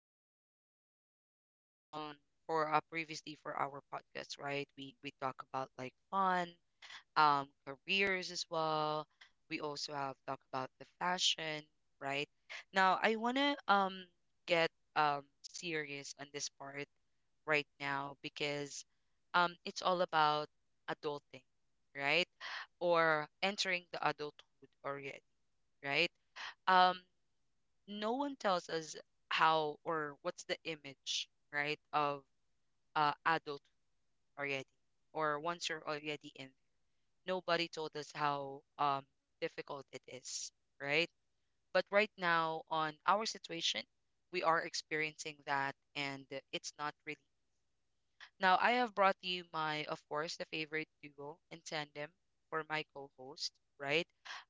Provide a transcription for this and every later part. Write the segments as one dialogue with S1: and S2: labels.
S1: Now, we have talked about um for previously for our podcast, right? We talk about like fun, careers as well. We also have talked about the fashion, right? Now, I wanna get serious on this part right now because it's all about adulting, right? Or entering the adulthood already, right? um no one tells us how or what's the image, right, of adult already, or once you're already in, nobody told us how difficult it is, right? But right now, on our situation, we are experiencing that, and it's not really. Now I have brought you, my, of course, the favorite duo in tandem for my co-host, right?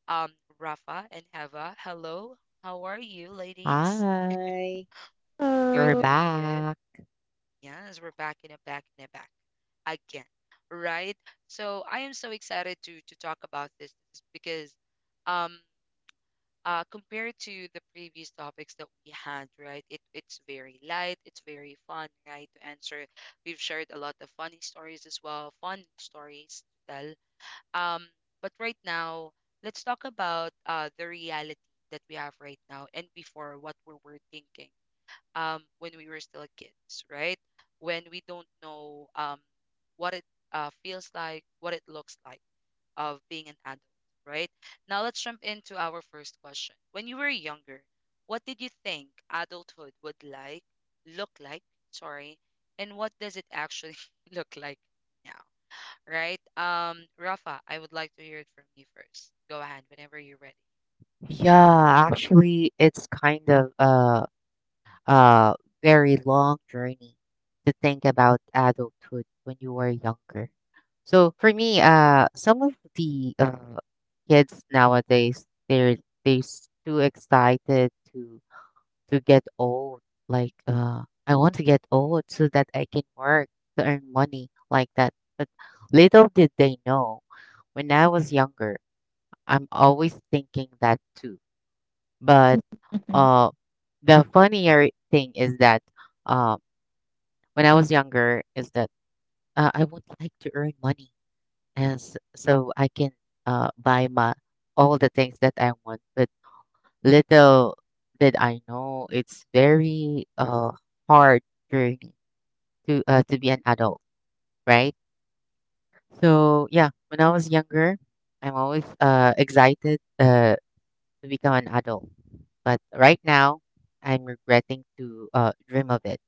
S1: um Rafa and Heva, hello, how are you ladies?
S2: Hi,
S1: You're
S2: we're
S3: Hello.
S1: doing good.
S2: back.
S1: Yes, we're back in a back again, right? So I am so excited to talk about this because, um, compared to the previous topics that we had, right? It's very light, it's very fun, right? To answer, we've shared a lot of funny stories as well, fun stories to tell. Um, but right now, let's talk about the reality that we have right now, and before, what we were thinking, when we were still kids, right? When we don't know, what it feels like, what it looks like, of being an adult, right? Now let's jump into our first question. When you were younger, what did you think adulthood would look like, sorry, and what does it actually look like now, right? Rafa, I would like to hear it from you first. Go ahead whenever you're ready.
S2: Yeah, actually, it's kind of a very long journey to think about adulthood when you were younger. So for me, some of the kids nowadays they're too excited to get old. Like, I want to get old so that I can work to earn money like that. But little did they know, when I was younger, I'm always thinking that too. But
S3: Mhm.
S2: uh, the funnier thing is that uh, when I was younger, is that I would like to earn money as so I can buy my all the things that I want. But little did I know, it's very hard journey to be an adult, right? So yeah, when I was younger, I'm always excited to become an adult. But right now, I'm regretting to dream of it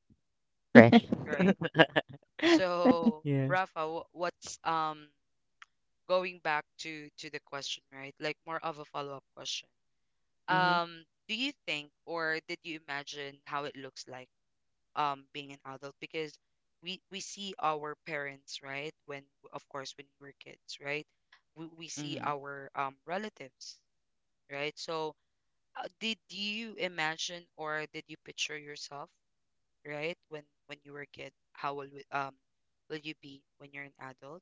S2: fresh.
S1: Right. So,
S2: Yeah.
S1: Rafa, what's going back to the question, right? Like more of a follow-up question.
S2: Hmm.
S1: Do you think, or did you imagine how it looks like, um, being an adult? Because we see our parents, right? When, of course, when we were kids, right? We see
S2: Hmm.
S1: our, um, relatives, right? So, did you imagine or did you picture yourself, right, when you were a kid, how will we, um, will you be when you're an adult?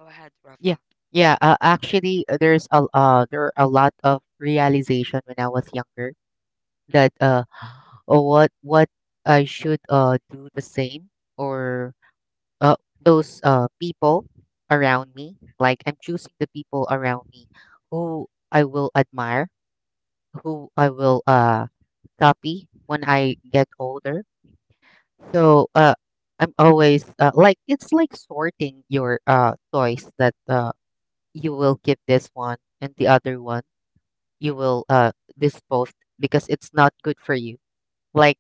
S1: Go ahead,
S2: Yeah,
S1: Rafa.
S2: yeah. Actually, there's a there are a lot of realization when I was younger
S1: Mm-mm.
S2: that oh, what I should do the same or those people around me. Like I'm choosing the people around me who I will admire, who I will copy when I get older. So I'm always like it's like sorting your toys that you will keep this one and the other one you
S1: Mm-mm.
S2: will dispose because it's not good for you. Like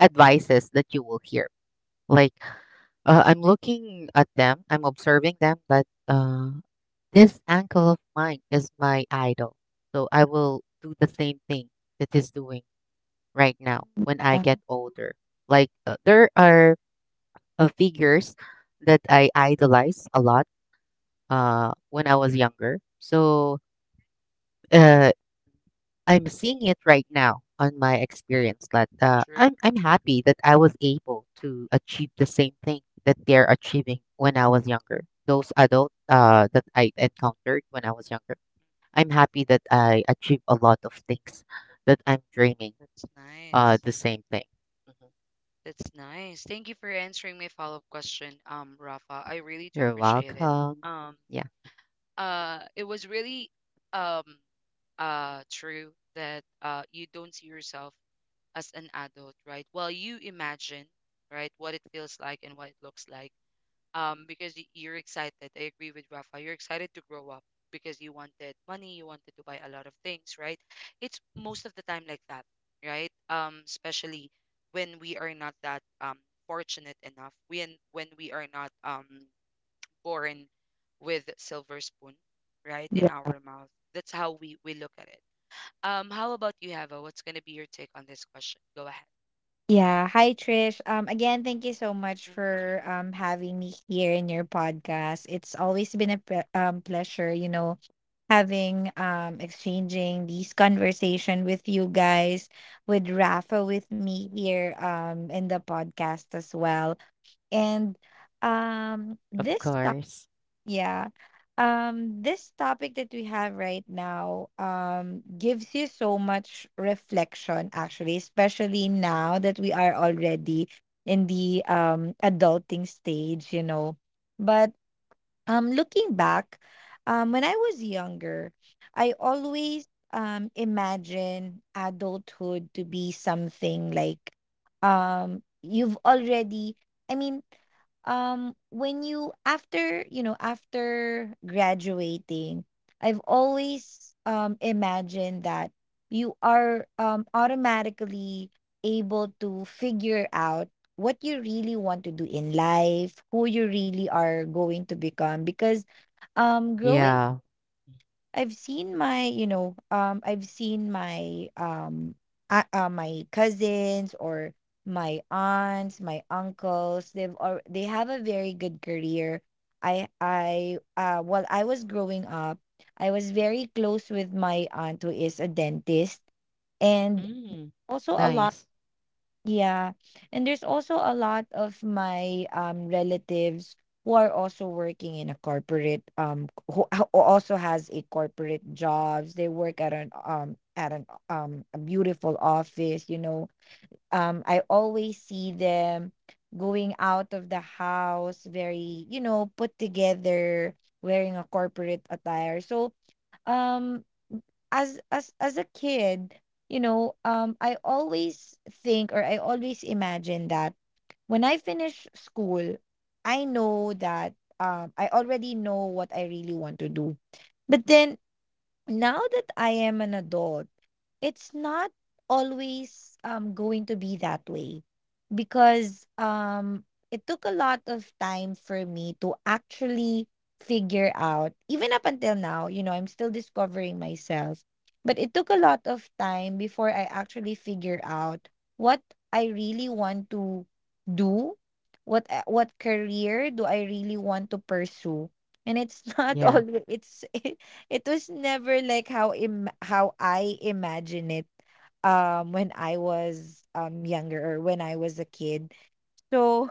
S2: advices that you will hear. Like I'm looking at them, I'm observing them that this uncle of mine is my idol. So I will do the same thing that he's doing right now when
S3: Yeah.
S2: I get older. Like
S1: Mm-mm.
S2: there are figures that I idolized a lot when I was younger. So uh, I'm seeing it right now on my experience. That
S1: True.
S2: I'm happy that I was able to achieve the same thing that they're achieving when I was younger. Those adult that I encountered when I was younger. I'm happy that I achieved a lot of things that I'm dreaming
S1: That's nice.
S2: the same thing. Mhm.
S1: That's nice. Thank you for answering my follow-up question, Rafa. I really do
S2: You're
S1: appreciate it.
S2: welcome.
S1: Um,
S2: Yeah,
S1: uh, it was really, um uh, true that you don't see yourself as an adult, right? Well, you imagine, right, what it feels like and what it looks like, because you're excited. I agree with Rafa. You're excited to grow up because you wanted money, you wanted to buy a lot of things, right? It's most of the time like that, right? Especially when we are not that, um, fortunate enough, when we are not, um, born with silver spoon, right,
S3: Yeah.
S1: in our mouth. That's how we look at it. How about you, Hava? What's gonna be your take on this question? Go ahead.
S3: Yeah. Hi, Trish. Again, thank you so much
S1: Hmm.
S3: for having me here in your podcast. It's always been a pleasure, having exchanging these conversation with you guys, with Rafa, with me here in the podcast as well. And
S2: of
S3: this
S2: course.
S3: Yeah. This topic that we have right now gives you so much reflection actually, especially now that we are already in the adulting stage. But looking back, when I was younger, I always imagine adulthood to be something like you've already I mean, when you after you know after graduating I've always imagined that you are automatically able to figure out what you really want to do in life, who you really are going to become. Because growing
S2: Yeah.
S3: I've seen my, I've seen my my cousins or my aunts, my uncles, they have a very good career. I While I was growing up, I was very close with my aunt who is a dentist and
S2: Mm,
S3: also a lot.
S2: nice.
S3: Yeah. And there's also a lot of my relatives who are also working in a corporate, who also has a corporate jobs. They work at an a beautiful office, I always see them going out of the house very, put together, wearing a corporate attire. So um as a kid, I always think or I always imagine that when I finish school, I know that I already know what I really want to do. But then now that I am an adult, it's not always going to be that way because it took a lot of time for me to actually figure out. Even up until now, I'm still discovering myself, but it took a lot of time before I actually figure out what I really want to do, what career do I really want to pursue. And it's not
S2: Yeah.
S3: always it's it was never like how I imagine it, when I was, younger or when I was a kid. So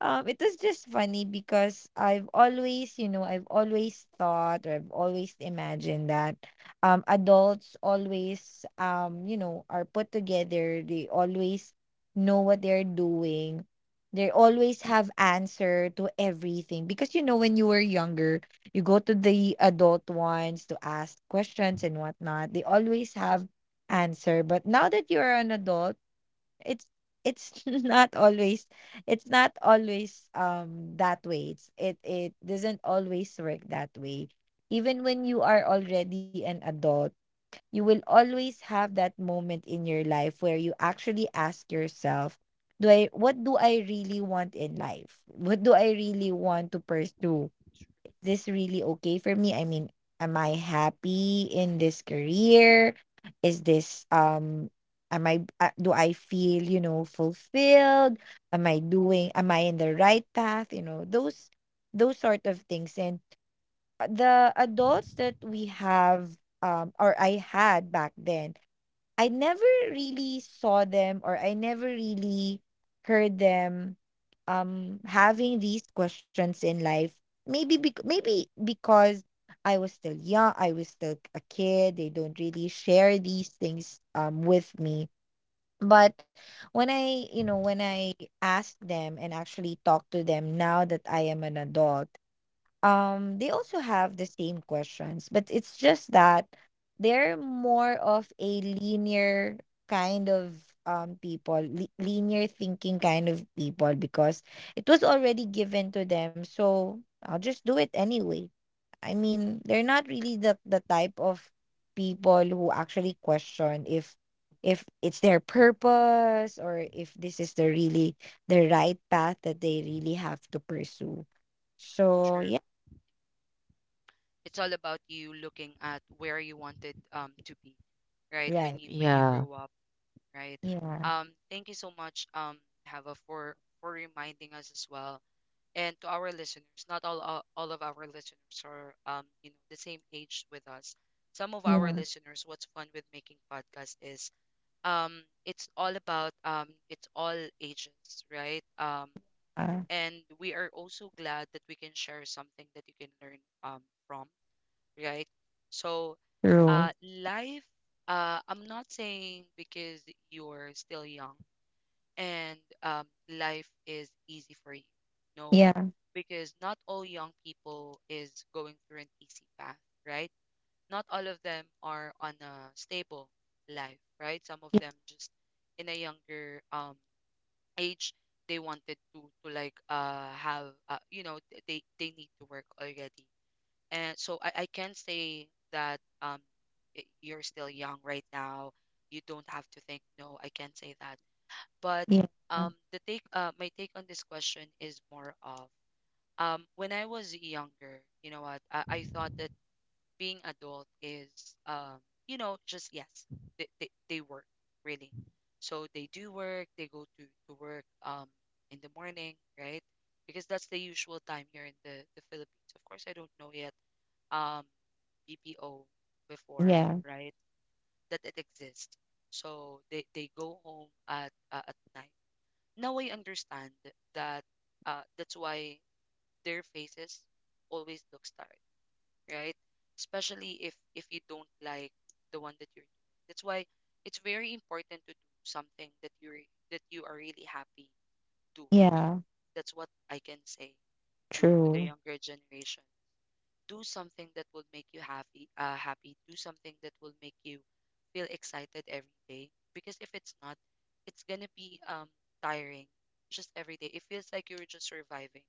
S3: it was just funny because I've always thought or I've always imagined that adults always, are put together, they always know what they're doing. They always have answer to everything because, when you were younger, you go to the adult ones to ask questions and whatnot. They always have answer. But now that you're an adult, It's it's not always not always that way. It doesn't always work that way. Even when you are already an adult, you will always have that moment in your life where you actually ask yourself, do I what do I really want in life? What do I really want to pursue? This really okay for me? I mean, am I happy in this career? Is this am I do I feel, fulfilled? Am I in the right path? You know those sort of things. And the adults that we have, or I had back then, I never really saw them or I never really heard them having these questions in life. Maybe because I was still young, I was still a kid. They don't really share these things with me. But when I, ask them and actually talk to them now that I am an adult, they also have the same questions, but it's just that they're more of a linear kind of, linear thinking kind of people because it was already given to them, so I'll just do it anyway. I mean, they're not really the type of people who actually question if, it's their purpose, or if this is the really the right path that they really have to pursue. So,
S1: True.
S3: yeah.
S1: It's all about you looking at where you wanted, um, to be, right,
S3: Right.
S1: when you
S2: Yeah.
S1: grow up, right?
S3: Yeah.
S1: Thank you so much, um, Hava, for reminding us as well. And to our listeners, not all of our listeners are, um, you know, the same age with us. Some of our
S3: Yeah.
S1: listeners, what's fun with making podcasts is, um, it's all about, um, it's all ages, right? Um,
S3: Uh,
S1: and we are also glad that we can share something that you can learn, um, from, right? So,
S3: True.
S1: life, I'm not saying because you're still young and, life is easy for you. No,
S3: Yeah.
S1: because not all young people is going through an easy path, right? Not all of them are on a stable life, right? Some of
S3: Yeah.
S1: them just in a younger, age, they wanted to like have you know, they need to work already. And so I can say that, um, you're still young right now. You don't have to think no. I can't say that. But,
S3: Yeah.
S1: um, the take, uh, my take on this question is more of, um, when I was younger, you know what, I thought that being adult is, um, you know, just yes, they work, really. So they do work. They go to work, um, in the morning, right? Because that's the usual time here in the Philippines. Of course, I don't know yet. Um, BPO before,
S3: Yeah.
S1: right? That it exists. So they go home at, at night. Now I understand that, that's why their faces always look tired, right? Especially if you don't like the one that you're doing. That's why it's very important to do something that you are really happy doing.
S3: Yeah.
S1: That's what I can say to the
S3: True.
S1: younger generation. Do something that will make you happy, do something that will make you feel excited every day, because if it's not, it's gonna be, um, tiring. Just every day it feels like you're just surviving,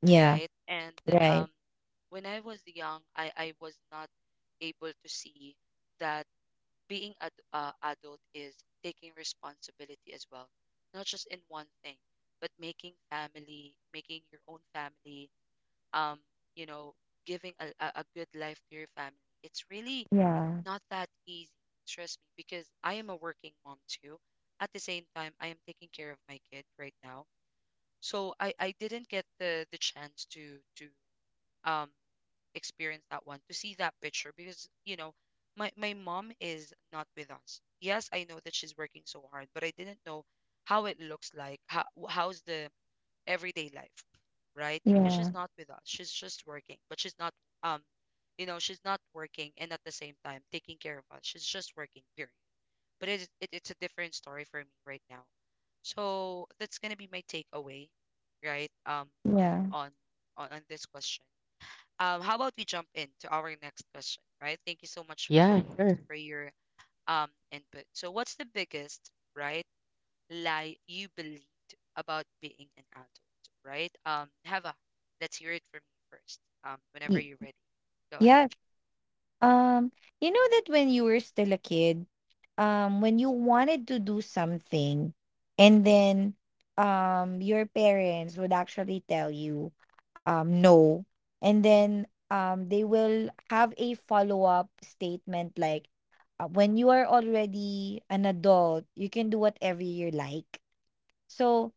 S3: Yeah.
S1: right? And,
S3: Right.
S1: um, when I was young, I was not able to see that being an, adult is taking responsibility as well, not just in one thing, but making your own family, um, you know, giving a, a good life to your family. It's really
S3: Yeah.
S1: not that easy, trust me, because I am a working mom too. At the same time, I am taking care of my kid right now. So I didn't get the, chance to um experience that one, to see that picture because, you know, my mom is not with us. Yes, I know that she's working so hard, but I didn't know how it looks like, how's the everyday life, right? Because
S3: Yeah.
S1: she's not with us. She's just working, but she's not, um, you know, she's not working and at the same time taking care of us. She's just working, period. But it, is- it it's a different story for me right now. So that's gonna be my takeaway, right? Um,
S3: Yeah.
S1: on on this question. How about we jump into our next question, right? Thank you so much,
S2: Yeah,
S1: co-host,
S2: sure.
S1: for your, um, input. So what's the biggest, right, lie you believed about being an adult, right? Hava, let's hear it from you first. Whenever
S3: Ye-
S1: you're ready, go ahead.
S3: Yeah. Um, you know that when you were still a kid, when you wanted to do something, and then, your parents would actually tell you, no, and then, they will have a follow up statement like, when you are already an adult, you can do whatever you like. So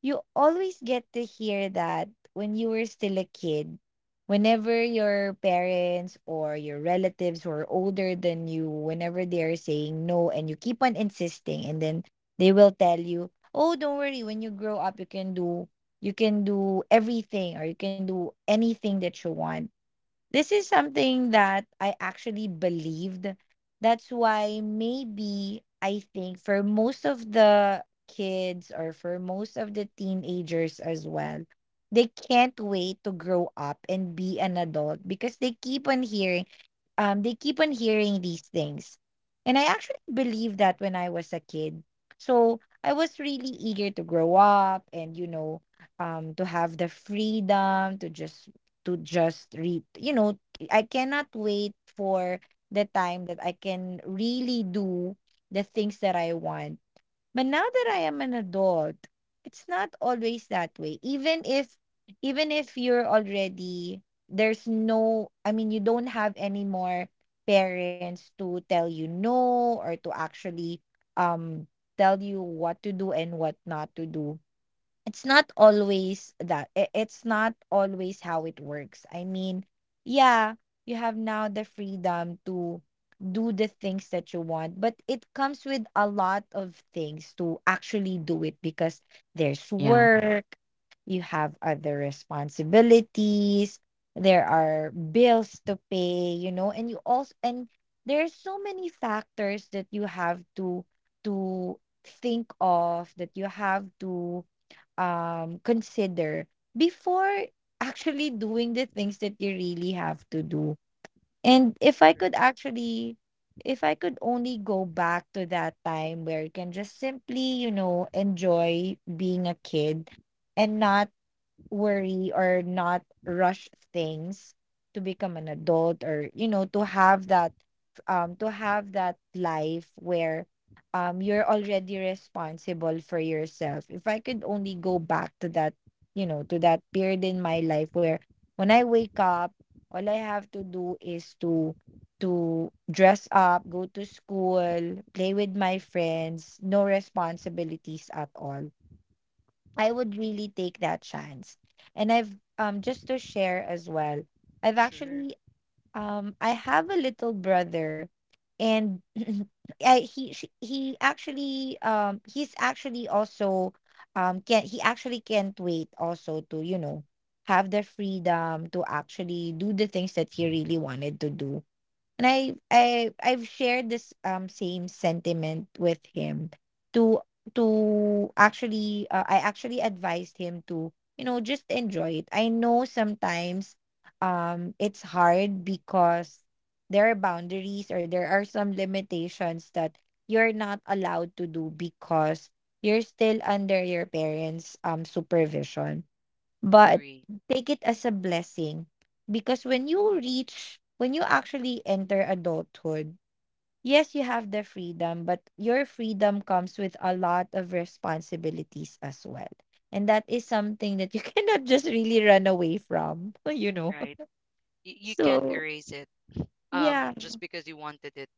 S3: you always get to hear that when you were still a kid, whenever your parents or your relatives who are older than you, whenever they are saying no and you keep on insisting, and then they will tell you, oh, don't worry, when you grow up, you can do everything, or you can do anything that you want. This is something that I actually believed. That's why, maybe I think for most of the kids or for most of the teenagers as well, they can't wait to grow up and be an adult because they keep on hearing, these things. And I actually believed that when I was a kid. So I was really eager to grow up and, to have the freedom to just, read. I cannot wait for the time that I can really do the things that I want. But now that I am an adult, it's not always that way. Even if, you're already, there's no I mean, you don't have any more parents to tell you no or to actually, um tell you what to do and what not to do. It's not always it's not always how it works. I mean, yeah, you have now the freedom to do the things that you want, but it comes with a lot of things to actually do it because there's
S2: Yeah.
S3: work, you have other responsibilities, there are bills to pay, and you also and there's so many factors that you have to, to think of, that you have to, consider before actually doing the things that you really have to do. And
S1: Sure.
S3: if I could only go back to that time where you can just simply, you know, enjoy being a kid and not worry or not rush things to become an adult, or, to have to have that life where, you're already responsible for yourself. If I could only go back to that, to that period in my life where, when I wake up, all I have to do is to dress up, go to school, play with my friends, no responsibilities at all. I
S1: Sure,
S3: would really take that chance. And I've, just to share as well, I've
S1: sure.
S3: actually, I have a little brother, and he actually, he's actually also, can he actually can't wait also to, have the freedom to actually do the things that he really wanted to do. And I've shared this, same sentiment with him, to to actually I actually advised him to, just enjoy it. I know sometimes, it's hard because there are boundaries or there are some limitations that you're not allowed to do because you're still under your parents, supervision. But
S1: Agree.
S3: take it as a blessing, because when you actually enter adulthood, yes you have the freedom, but your freedom comes with a lot of responsibilities as well, and that is something that you cannot just really run away from.
S1: Right? You can't
S3: So,
S1: erase it.
S3: yeah.
S1: Just because you wanted it,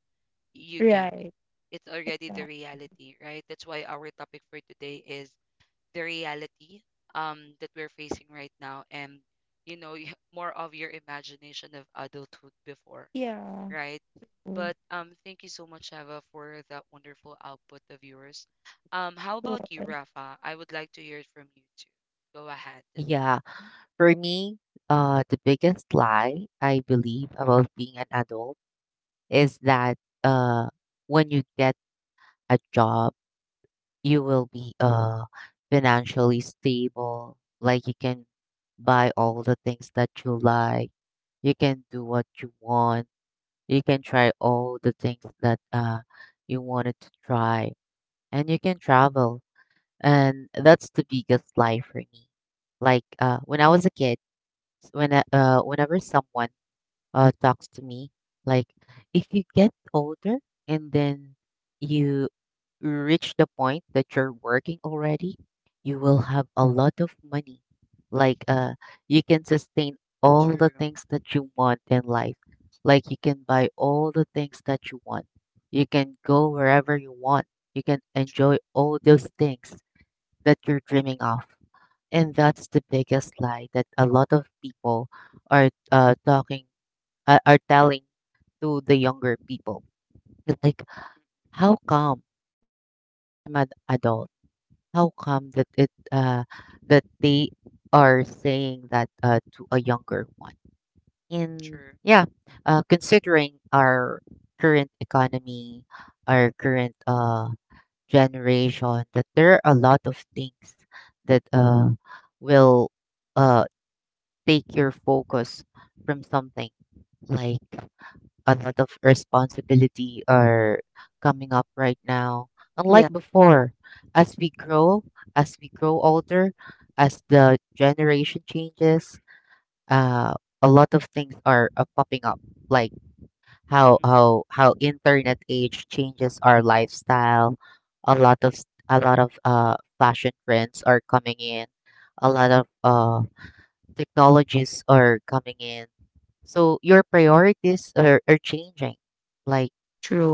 S1: you can't.
S3: Right.
S1: It's already the
S3: Right.
S1: reality, right? That's why our topic for today is the reality, um, that we're facing right now, and you know, more of your imagination of adulthood before.
S3: Yeah.
S1: Right?
S3: Mm.
S1: But, thank you so much, Ava, for that wonderful output of yours. How about you,
S3: so-
S1: Rafa? I would like to hear it from you too. Go ahead.
S2: Yeah. For me, the biggest lie I believe about being an adult is that uh, when you get a job, you will be financially stable. Like you can buy all the things that you like. You can do what you want. You can try all the things that you wanted to try. And you can travel, and that's the biggest lie for me. Like when I was a kid, when whenever someone talks to me, like if you get older and then you reach the point that you're working already, you will have a lot of money. Like you can sustain all the
S1: True,
S2: things that you want in life. Like you can buy all the things that you want. You can go wherever you want. You can
S1: true,
S2: enjoy all those things that you're dreaming of. And that's the biggest lie that a lot of people are talking are telling to the younger people. That, like, how come that now that I'm an adult, how come that it that they are saying that to a younger one? And
S1: true.
S2: yeah, considering our current economy, our current generation, that there are a lot of things that will uh take your focus from something, like, a lot of responsibility are coming up right now, unlike
S3: yeah.
S2: before. as we grow as we grow older, as the generation changes, uh a lot of things are popping up, like
S1: Mm-mm.
S2: how internet age changes our lifestyle. A lot of fashion trends are coming in. A lot of technologies are coming in. So your priorities are changing. Like,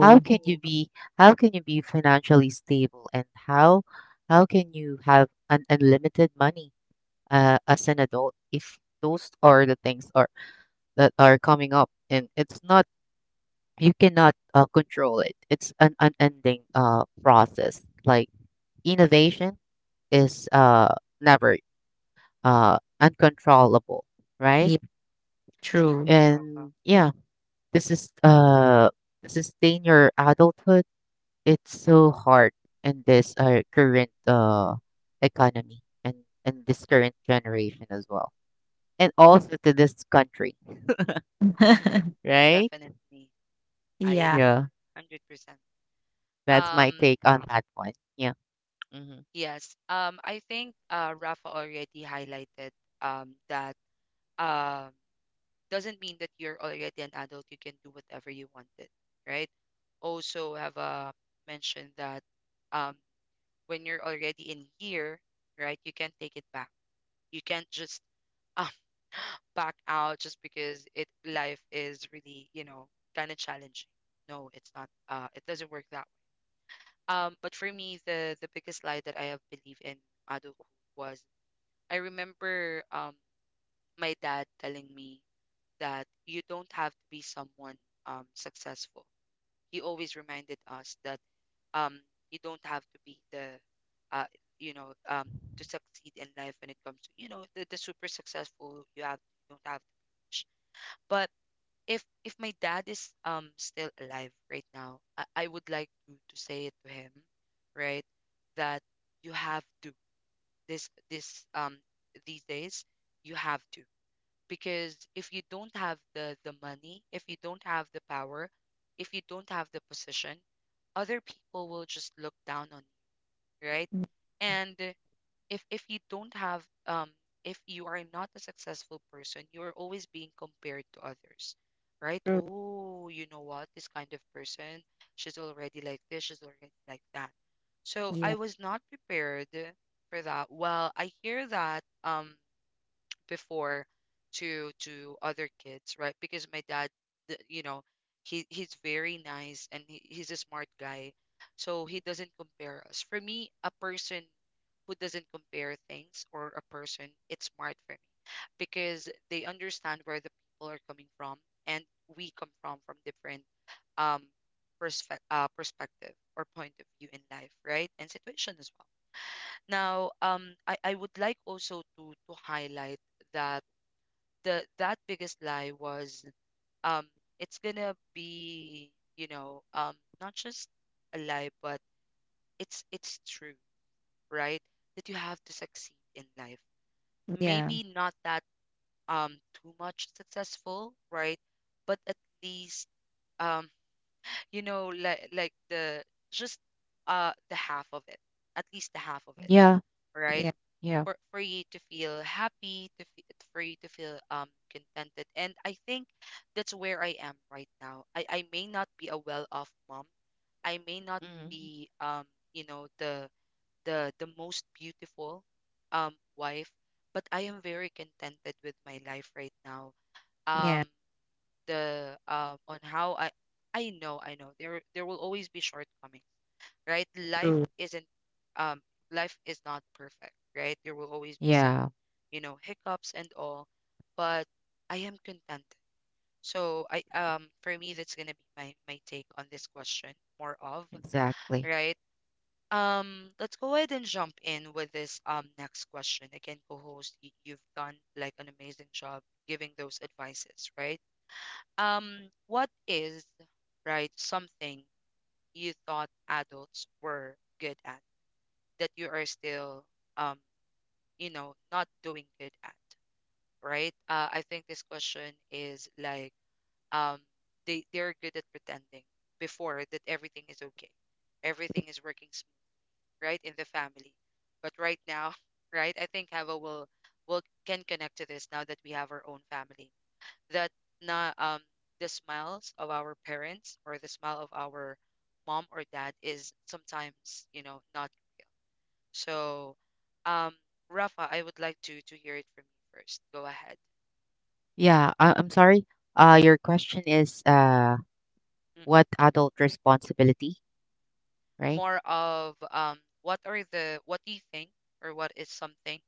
S2: how can you be how can you be financially stable, and how can you have an unlimited money as an adult if those are the things are that are coming up, and it's not, you cannot control it. It's an unending process. Like, innovation is never uncontrollable, right?
S3: Yeah.
S1: True,
S3: True.
S1: Rafa.
S2: And yeah, this is to sustain your adulthood. It's so hard in this current economy and this current generation as well, and also to this country, right?
S1: Definitely, I
S3: Yeah.
S1: agree,
S2: Yeah,
S1: 100%.
S2: that's my
S1: Um,
S2: take on that one. Yeah. Hmm.
S1: yes. I think, Rafa already highlighted, um, that, um, doesn't mean that you're already an adult, you can do whatever you wanted, right? Also, have, mentioned that, um, when you're already in here, right, you can't take it back. You can't just, um, back out just because it life is really, you know, kind of challenging. No, it's not. It doesn't work that way. But for me, the biggest lie that I have believed in adulthood was, I remember, um, my dad telling me that you don't have to be someone, successful. He always reminded us that, um, you don't have to be the, uh, you know, to succeed in life when it comes to, you know, the, super successful. You don't have to be rich. But if my dad is, um, still alive right now, I would like to say it to him, right, that you have to, this these days, you have to, because if you don't have the money, if you don't have the power, if you don't have the position, other people will just look down on you, right? And if you don't have, um, if you are not a successful person, you are always being compared to others, right?
S3: True.
S1: Oh, you know what, this kind of person, she's already like this, she's already like that. So
S3: Yeah.
S1: I was not prepared for that. Well, I hear that, um, before, to other kids, right? Because my dad, you know, he's very nice and he's a smart guy, so he doesn't compare us. For me, a person who doesn't compare things or a person, it's smart for me because they understand where the people are coming from and we come from different um perspective or point of view in life, right, and situation as well. Now, I would like also to highlight that the that biggest lie was, um it's gonna be, you know um not just a lie, but it's true, right, that you have to succeed in life.
S3: Yeah.
S1: Maybe not that, um too much successful, right, but at least, um like the just, the half of it, at least the half of it,
S2: Yeah.
S1: right,
S3: Yeah.
S2: Yeah.
S1: for you to feel happy, to fe for you to feel contented. And I think that's where I am right now. I may not be a well-off mom. I may not
S2: Hmm.
S1: be, you know the the most beautiful, wife, but I am very contented with my life right now.
S3: Yeah.
S1: Um the on how I I know there will always be shortcomings, right?
S3: True.
S1: Um life is not perfect, right? There will always be some,
S2: Yeah,
S1: hiccups and all, but I am contented. So, I for me that's gonna be my take on this question, more of,
S2: exactly.
S1: right? Let's go ahead and jump in with this, next question. Again, co-host, you've done like an amazing job giving those advices, right? What is, right, something you thought adults were good at that you are still, um not doing good at, right? I think this question is like, um they're good at pretending before that everything is okay, everything is working smooth, right, in the family. But right now, right, I think Hava will can connect to this now that we have our own family. That, na the smiles of our parents or the smile of our mom or dad is sometimes, not so. Um, Rafa, I would like to hear it from you first. Go ahead.
S2: Yeah, I'm sorry. Your question is, what adult responsibility, right?
S1: More of, what are the what do you think or what is something,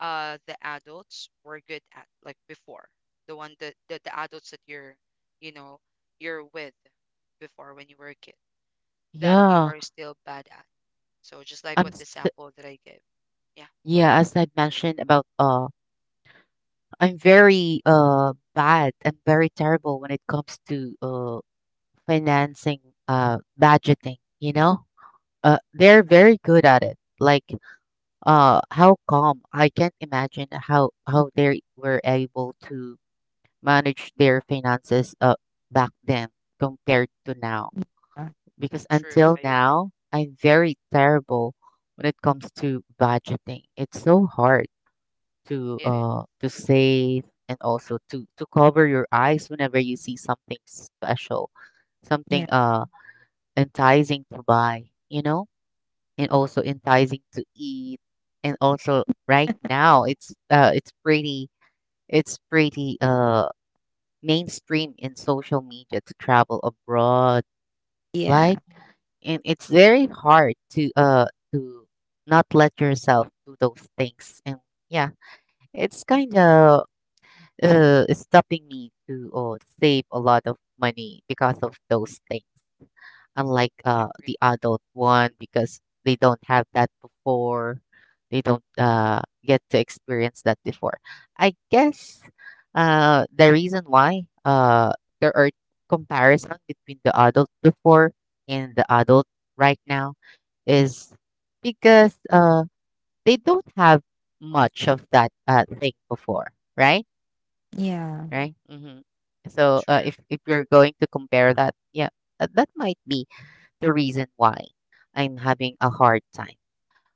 S1: the adults were good at like before, the one that, the adults that you're, you know you're with before when you were a kid that you
S2: Yeah,
S1: are still bad at, so just like
S2: I'm.
S1: what the
S2: St-
S1: sample that I gave. Yeah, go
S2: yeah,
S1: ahead.
S2: as I mentioned about I'm very bad. I'm very terrible when it comes to financing, budgeting. You know, they're very good at it. Like, how come I can't imagine how they were able to manage their finances back then compared to now.
S3: Yeah.
S2: Because
S1: True,
S2: until
S1: I agree.
S2: now, I'm very terrible when it comes to budgeting. It's so hard
S1: It is.
S2: to save, and also to cover your eyes whenever you see something special, something
S3: Yeah.
S2: enticing to buy, you know, and also enticing to eat. And also, right now, it's pretty mainstream in social media to travel abroad,
S3: Yeah,
S2: like, and it's very hard to not let yourself do those things. And yeah, it's kind of stopping me to save a lot of money because of those things, unlike
S1: Agree.
S2: the adult one, because they don't have that before. They don't get to experience that before. I guess the reason why, there are comparison between the adult before and the adult right now, is because they don't have much of that thing before, right?
S3: yeah,
S2: Right. Hmm. So
S1: True.
S2: if you're going to compare that, yeah, that, that might be the reason why I'm having a hard time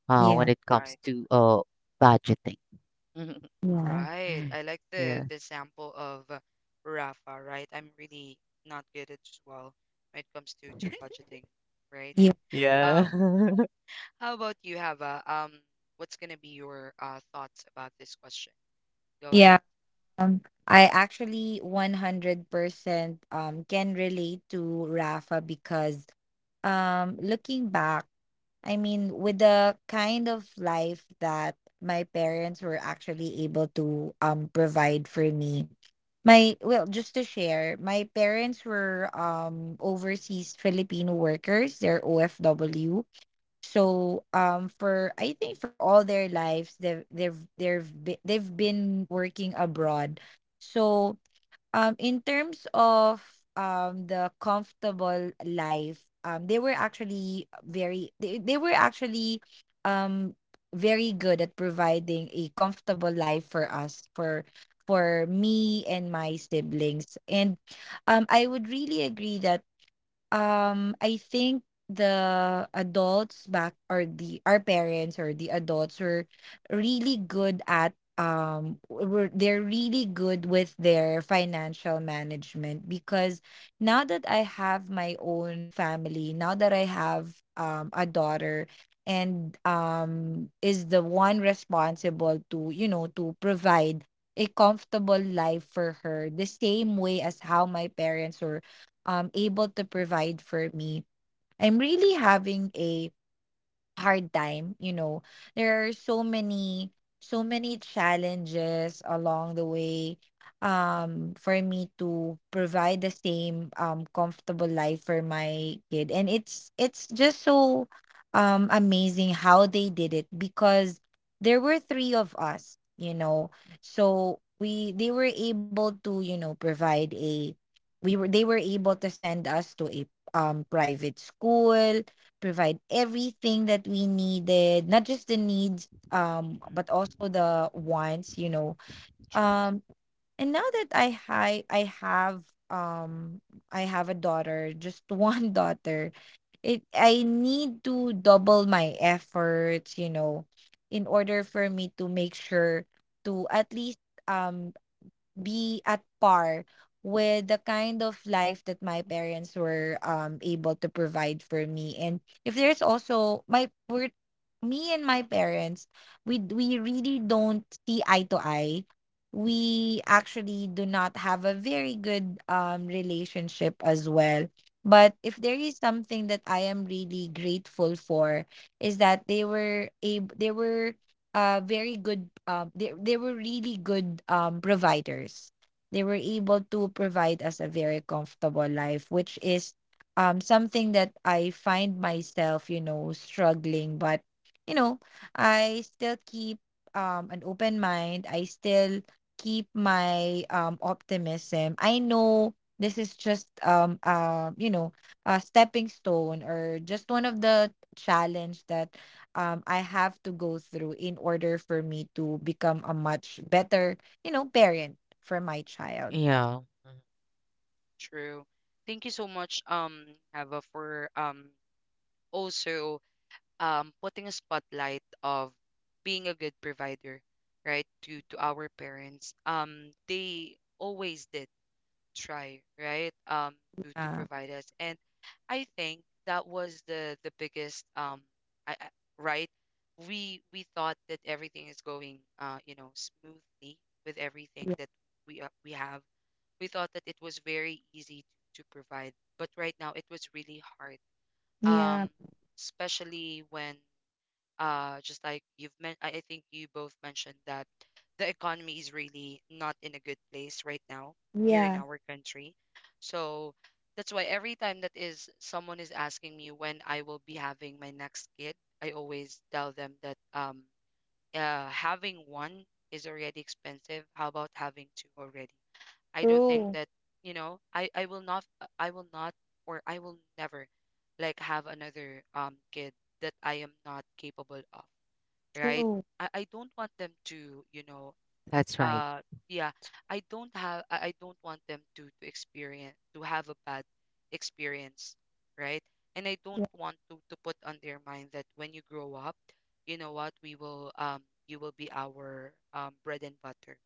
S3: yeah,
S2: when it
S1: Right.
S2: comes to budgeting.
S3: yeah,
S1: Right.
S2: Yeah.
S1: I like
S2: Yeah.
S1: the example of, Rafa, right? I'm really not good at as well when it comes to budgeting, right?
S3: yeah,
S1: Uh, how about you, Hava? What's gonna be your, thoughts about this question? Go
S3: yeah.
S1: ahead.
S3: Um, I actually 100% can relate to Rafa because, looking back, I mean, with the kind of life that my parents were actually able to, provide for me. My Well, just to share, my parents were, overseas Filipino workers, they're OFW. So, for I think for all their lives they've been working abroad. So, in terms of, the comfortable life, they were actually very, they were actually, um very good at providing a comfortable life for us, for me and my siblings. And, I would really agree that, I think the adults back, or the our parents, or the adults, were really good at, w- were they're really good with their financial management, because now that I have my own family, now that I have, a daughter, and, is the one responsible to, to provide a comfortable life for her the same way as how my parents were, able to provide for me. I'm really having a hard time, you know, there are so many challenges along the way, for me to provide the same, comfortable life for my kid, and it's just so, amazing how they did it, because there were three of us, you know, so we they were able to, provide a, we were they were able to send us to a, private school, provide everything that we needed, not just the needs, but also
S1: Mm.
S3: the wants.
S1: True,
S3: Um, and now that I have, um a daughter, just one daughter. It I need to double my efforts, you know, in order for me to make sure to at least, um be at par with the kind of life that my parents were, able to provide for me. And if there's also my we're, me and my parents, we really don't see eye to eye. We actually do not have a very good, relationship as well. But if there is something that I am really grateful for, is that they were able, they were, very good, they were really good, providers. They were able to provide us a very comfortable life, which is, something that I find myself, you know, struggling, but, you know, I still keep, an open mind. I still keep my, optimism. I know this is just, a stepping stone, or just one of the challenge that, I have to go through in order for me to become a much better, you know, parent for my child.
S2: Yeah. Mhm.
S1: true. Thank you so much, Hava, for, also, putting a spotlight of being a good provider, right, to our parents. They always did try, right? To
S3: Uh,
S1: provide us, and I think that was the biggest, I, I, right. We thought that everything is going, smoothly with everything
S3: yeah.
S1: that we have. We thought that it was very easy to provide, but right now it was really hard.
S3: Yeah,
S1: Um, especially when, just like, you've men I think you both mentioned that the economy is really not in a good place right now here in
S3: yeah,
S1: our country. So that's why every time that is someone is asking me when I will be having my next kid, I always tell them that, having one is already expensive. How about having two already? I don't think
S3: true,
S1: that, I will not, or I will never like have another, kid that I am not capable of, right?
S3: true,
S1: I don't want them to,
S2: That's right.
S1: uh yeah, I don't want them to experience, to have a bad experience, right? And I don't
S3: yeah,
S1: want to put on their mind that when you grow up, you know what, we will you will be our, bread and butter,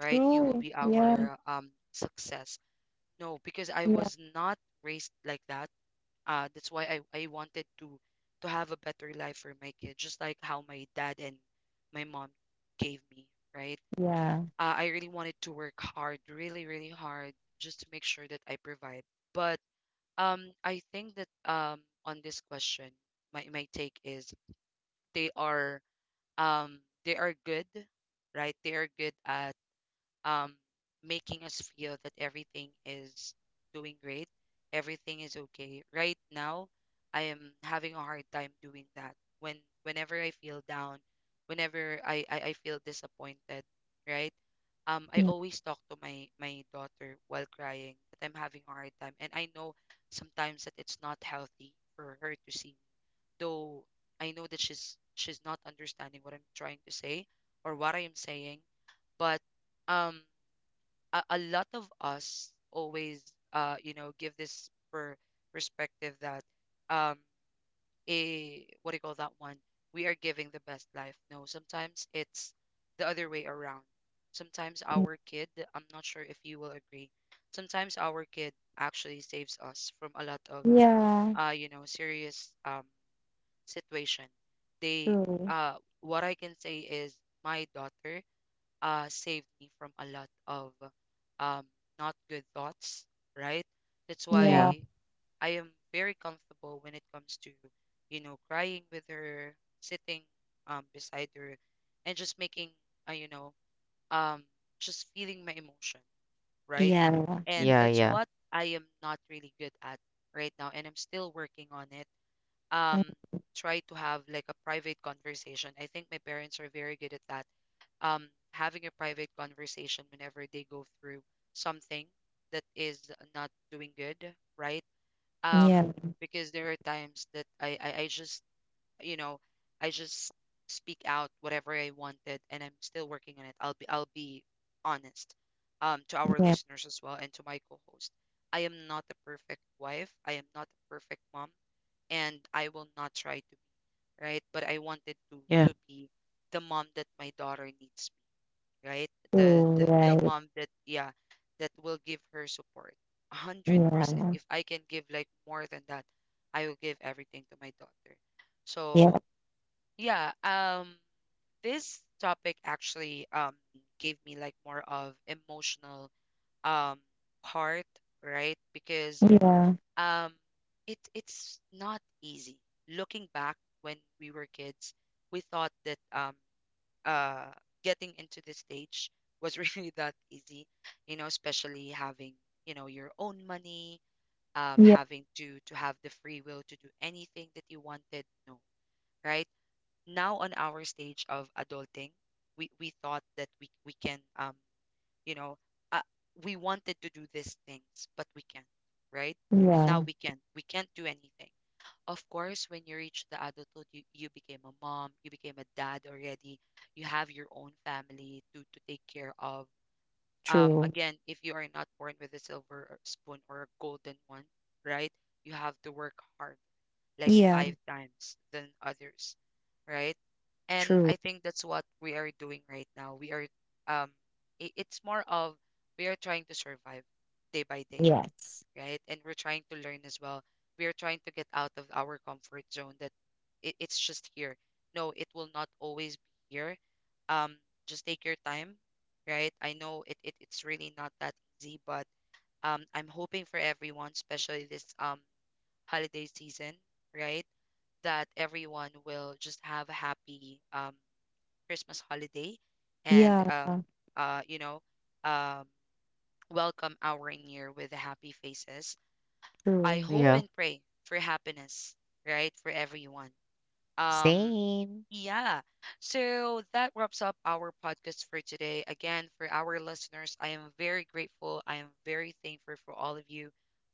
S1: right? You will
S3: true,
S1: be
S3: yeah,
S1: our, success. No, because I
S3: yeah,
S1: was not raised like that, that's why I wanted to have a better life for my kids, just like how my dad and my mom gave me, right?
S3: yeah,
S1: I really wanted to work hard, really, really hard, just to make sure that I provide. But, I think that, on this question, my take is they are um, they are good, right? They are good at, um, making us feel that everything is doing great, everything is okay. Right now, I am having a hard time doing that. When whenever I feel down, whenever I feel disappointed, right? I
S3: yeah,
S1: always talk to my daughter while crying that I'm having a hard time, and I know sometimes that it's not healthy for her to see me. Though I know that she's not understanding what I'm trying to say or what I am saying, but, um a lot of us always, give this, perspective that, um a what do you call that one, we are giving the best life, no, sometimes it's the other way around. Sometimes our kid, I'm not sure if you will agree, sometimes our kid actually saves us from a lot of,
S3: yeah, yeah,
S1: serious, situation. they
S3: true,
S1: uh what I can say is my daughter, saved me from a lot of, um, not good thoughts, right? That's
S3: yeah,
S2: Yeah.
S1: why I am very comfortable when it comes to, crying with her, sitting, beside her, and just making, you know, um, just feeling my emotion, right?
S3: yeah,
S1: And
S2: Yeah.
S1: that's
S2: Yeah.
S1: what I am not really good at right now, and I'm still working on it. Um,
S3: mm,
S1: try to have like a private conversation. I think my parents are very good at that, having a private conversation whenever they go through something that is not doing good, right? Um,
S3: yeah,
S1: because there are times that you know, I just speak out whatever I wanted, and I'm still working on it. I'll be honest, to our
S3: yeah,
S1: listeners as well, and to my co-host. I am not the perfect wife. I am not the perfect mom, and I will not try to be, right? But I wanted to
S2: Yeah.
S1: be the mom that my daughter needs, right?
S3: true,
S1: The
S3: right,
S1: mom that, yeah, that will give her support. 100%.
S3: yeah,
S1: If I can give like more than that, I will give everything to my daughter.
S3: yeah,
S1: So, yeah, this topic actually, gave me like more of emotional, um part, right? Because,
S3: yeah,
S1: um it's not easy. Looking back when we were kids, we thought that, uh getting into this stage was really that easy, especially having, your own money,
S3: yeah,
S1: having to have the free will to do anything that you wanted, no, right? Now on our stage of adulting, we thought that we can you know uh, we wanted to do these things, but we can't, right? Now,
S3: yeah,
S1: we can't do anything. Of course, when you reach the adulthood, you became a mom, you became a dad already, you have your own family to, take care of.
S3: true,
S1: Again, if you are not born with a silver, spoon or a golden one, right, you have to work hard, like
S3: yeah,
S1: five times than others, right? And
S3: true,
S1: I think that's what we are doing right now. Um, it's more of we are trying to survive day by day,
S3: yes,
S1: right? And we're trying to learn as well. We are trying to get out of our comfort zone that, it's just here. No, it will not always be here. Um, just take your time, right? I know, it's really not that easy, but, I'm hoping for everyone, especially this, holiday season, right? That everyone will just have a happy, Christmas holiday and,
S3: yeah,
S1: uh you know um welcome our year with happy faces. I
S3: true.
S1: hope
S2: Yeah.
S1: and pray for happiness, right, for everyone. Um,
S2: Same.
S1: yeah. So that wraps up our podcast for today. Again, for our listeners, I am very grateful. I am very thankful for all of you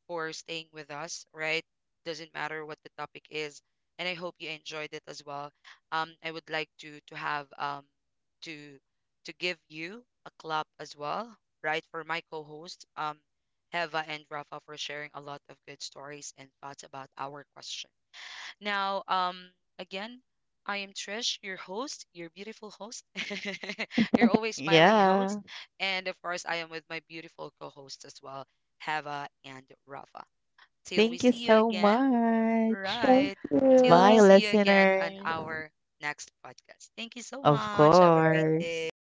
S1: for staying with us, right? Doesn't matter what the topic is. And I hope you enjoyed it as well. I would like to have to give you a clap as well, right? For my co-host, Heva and Rafa for sharing a lot of good stories and thoughts about our question. Now, again, I am Trish, your host, your beautiful host, your always smiling host,
S2: Yeah.
S1: and of course, I am with my beautiful co-host as well, Hava and Rafa. Till we
S2: Thank you
S1: see you
S2: so
S1: again,
S2: much.
S3: Thank
S1: right? Till we
S2: Bye,
S3: you.
S1: see you again on
S2: listeners.
S1: our next podcast. Thank you so
S2: Of
S1: much. Have a great
S2: course.
S1: day.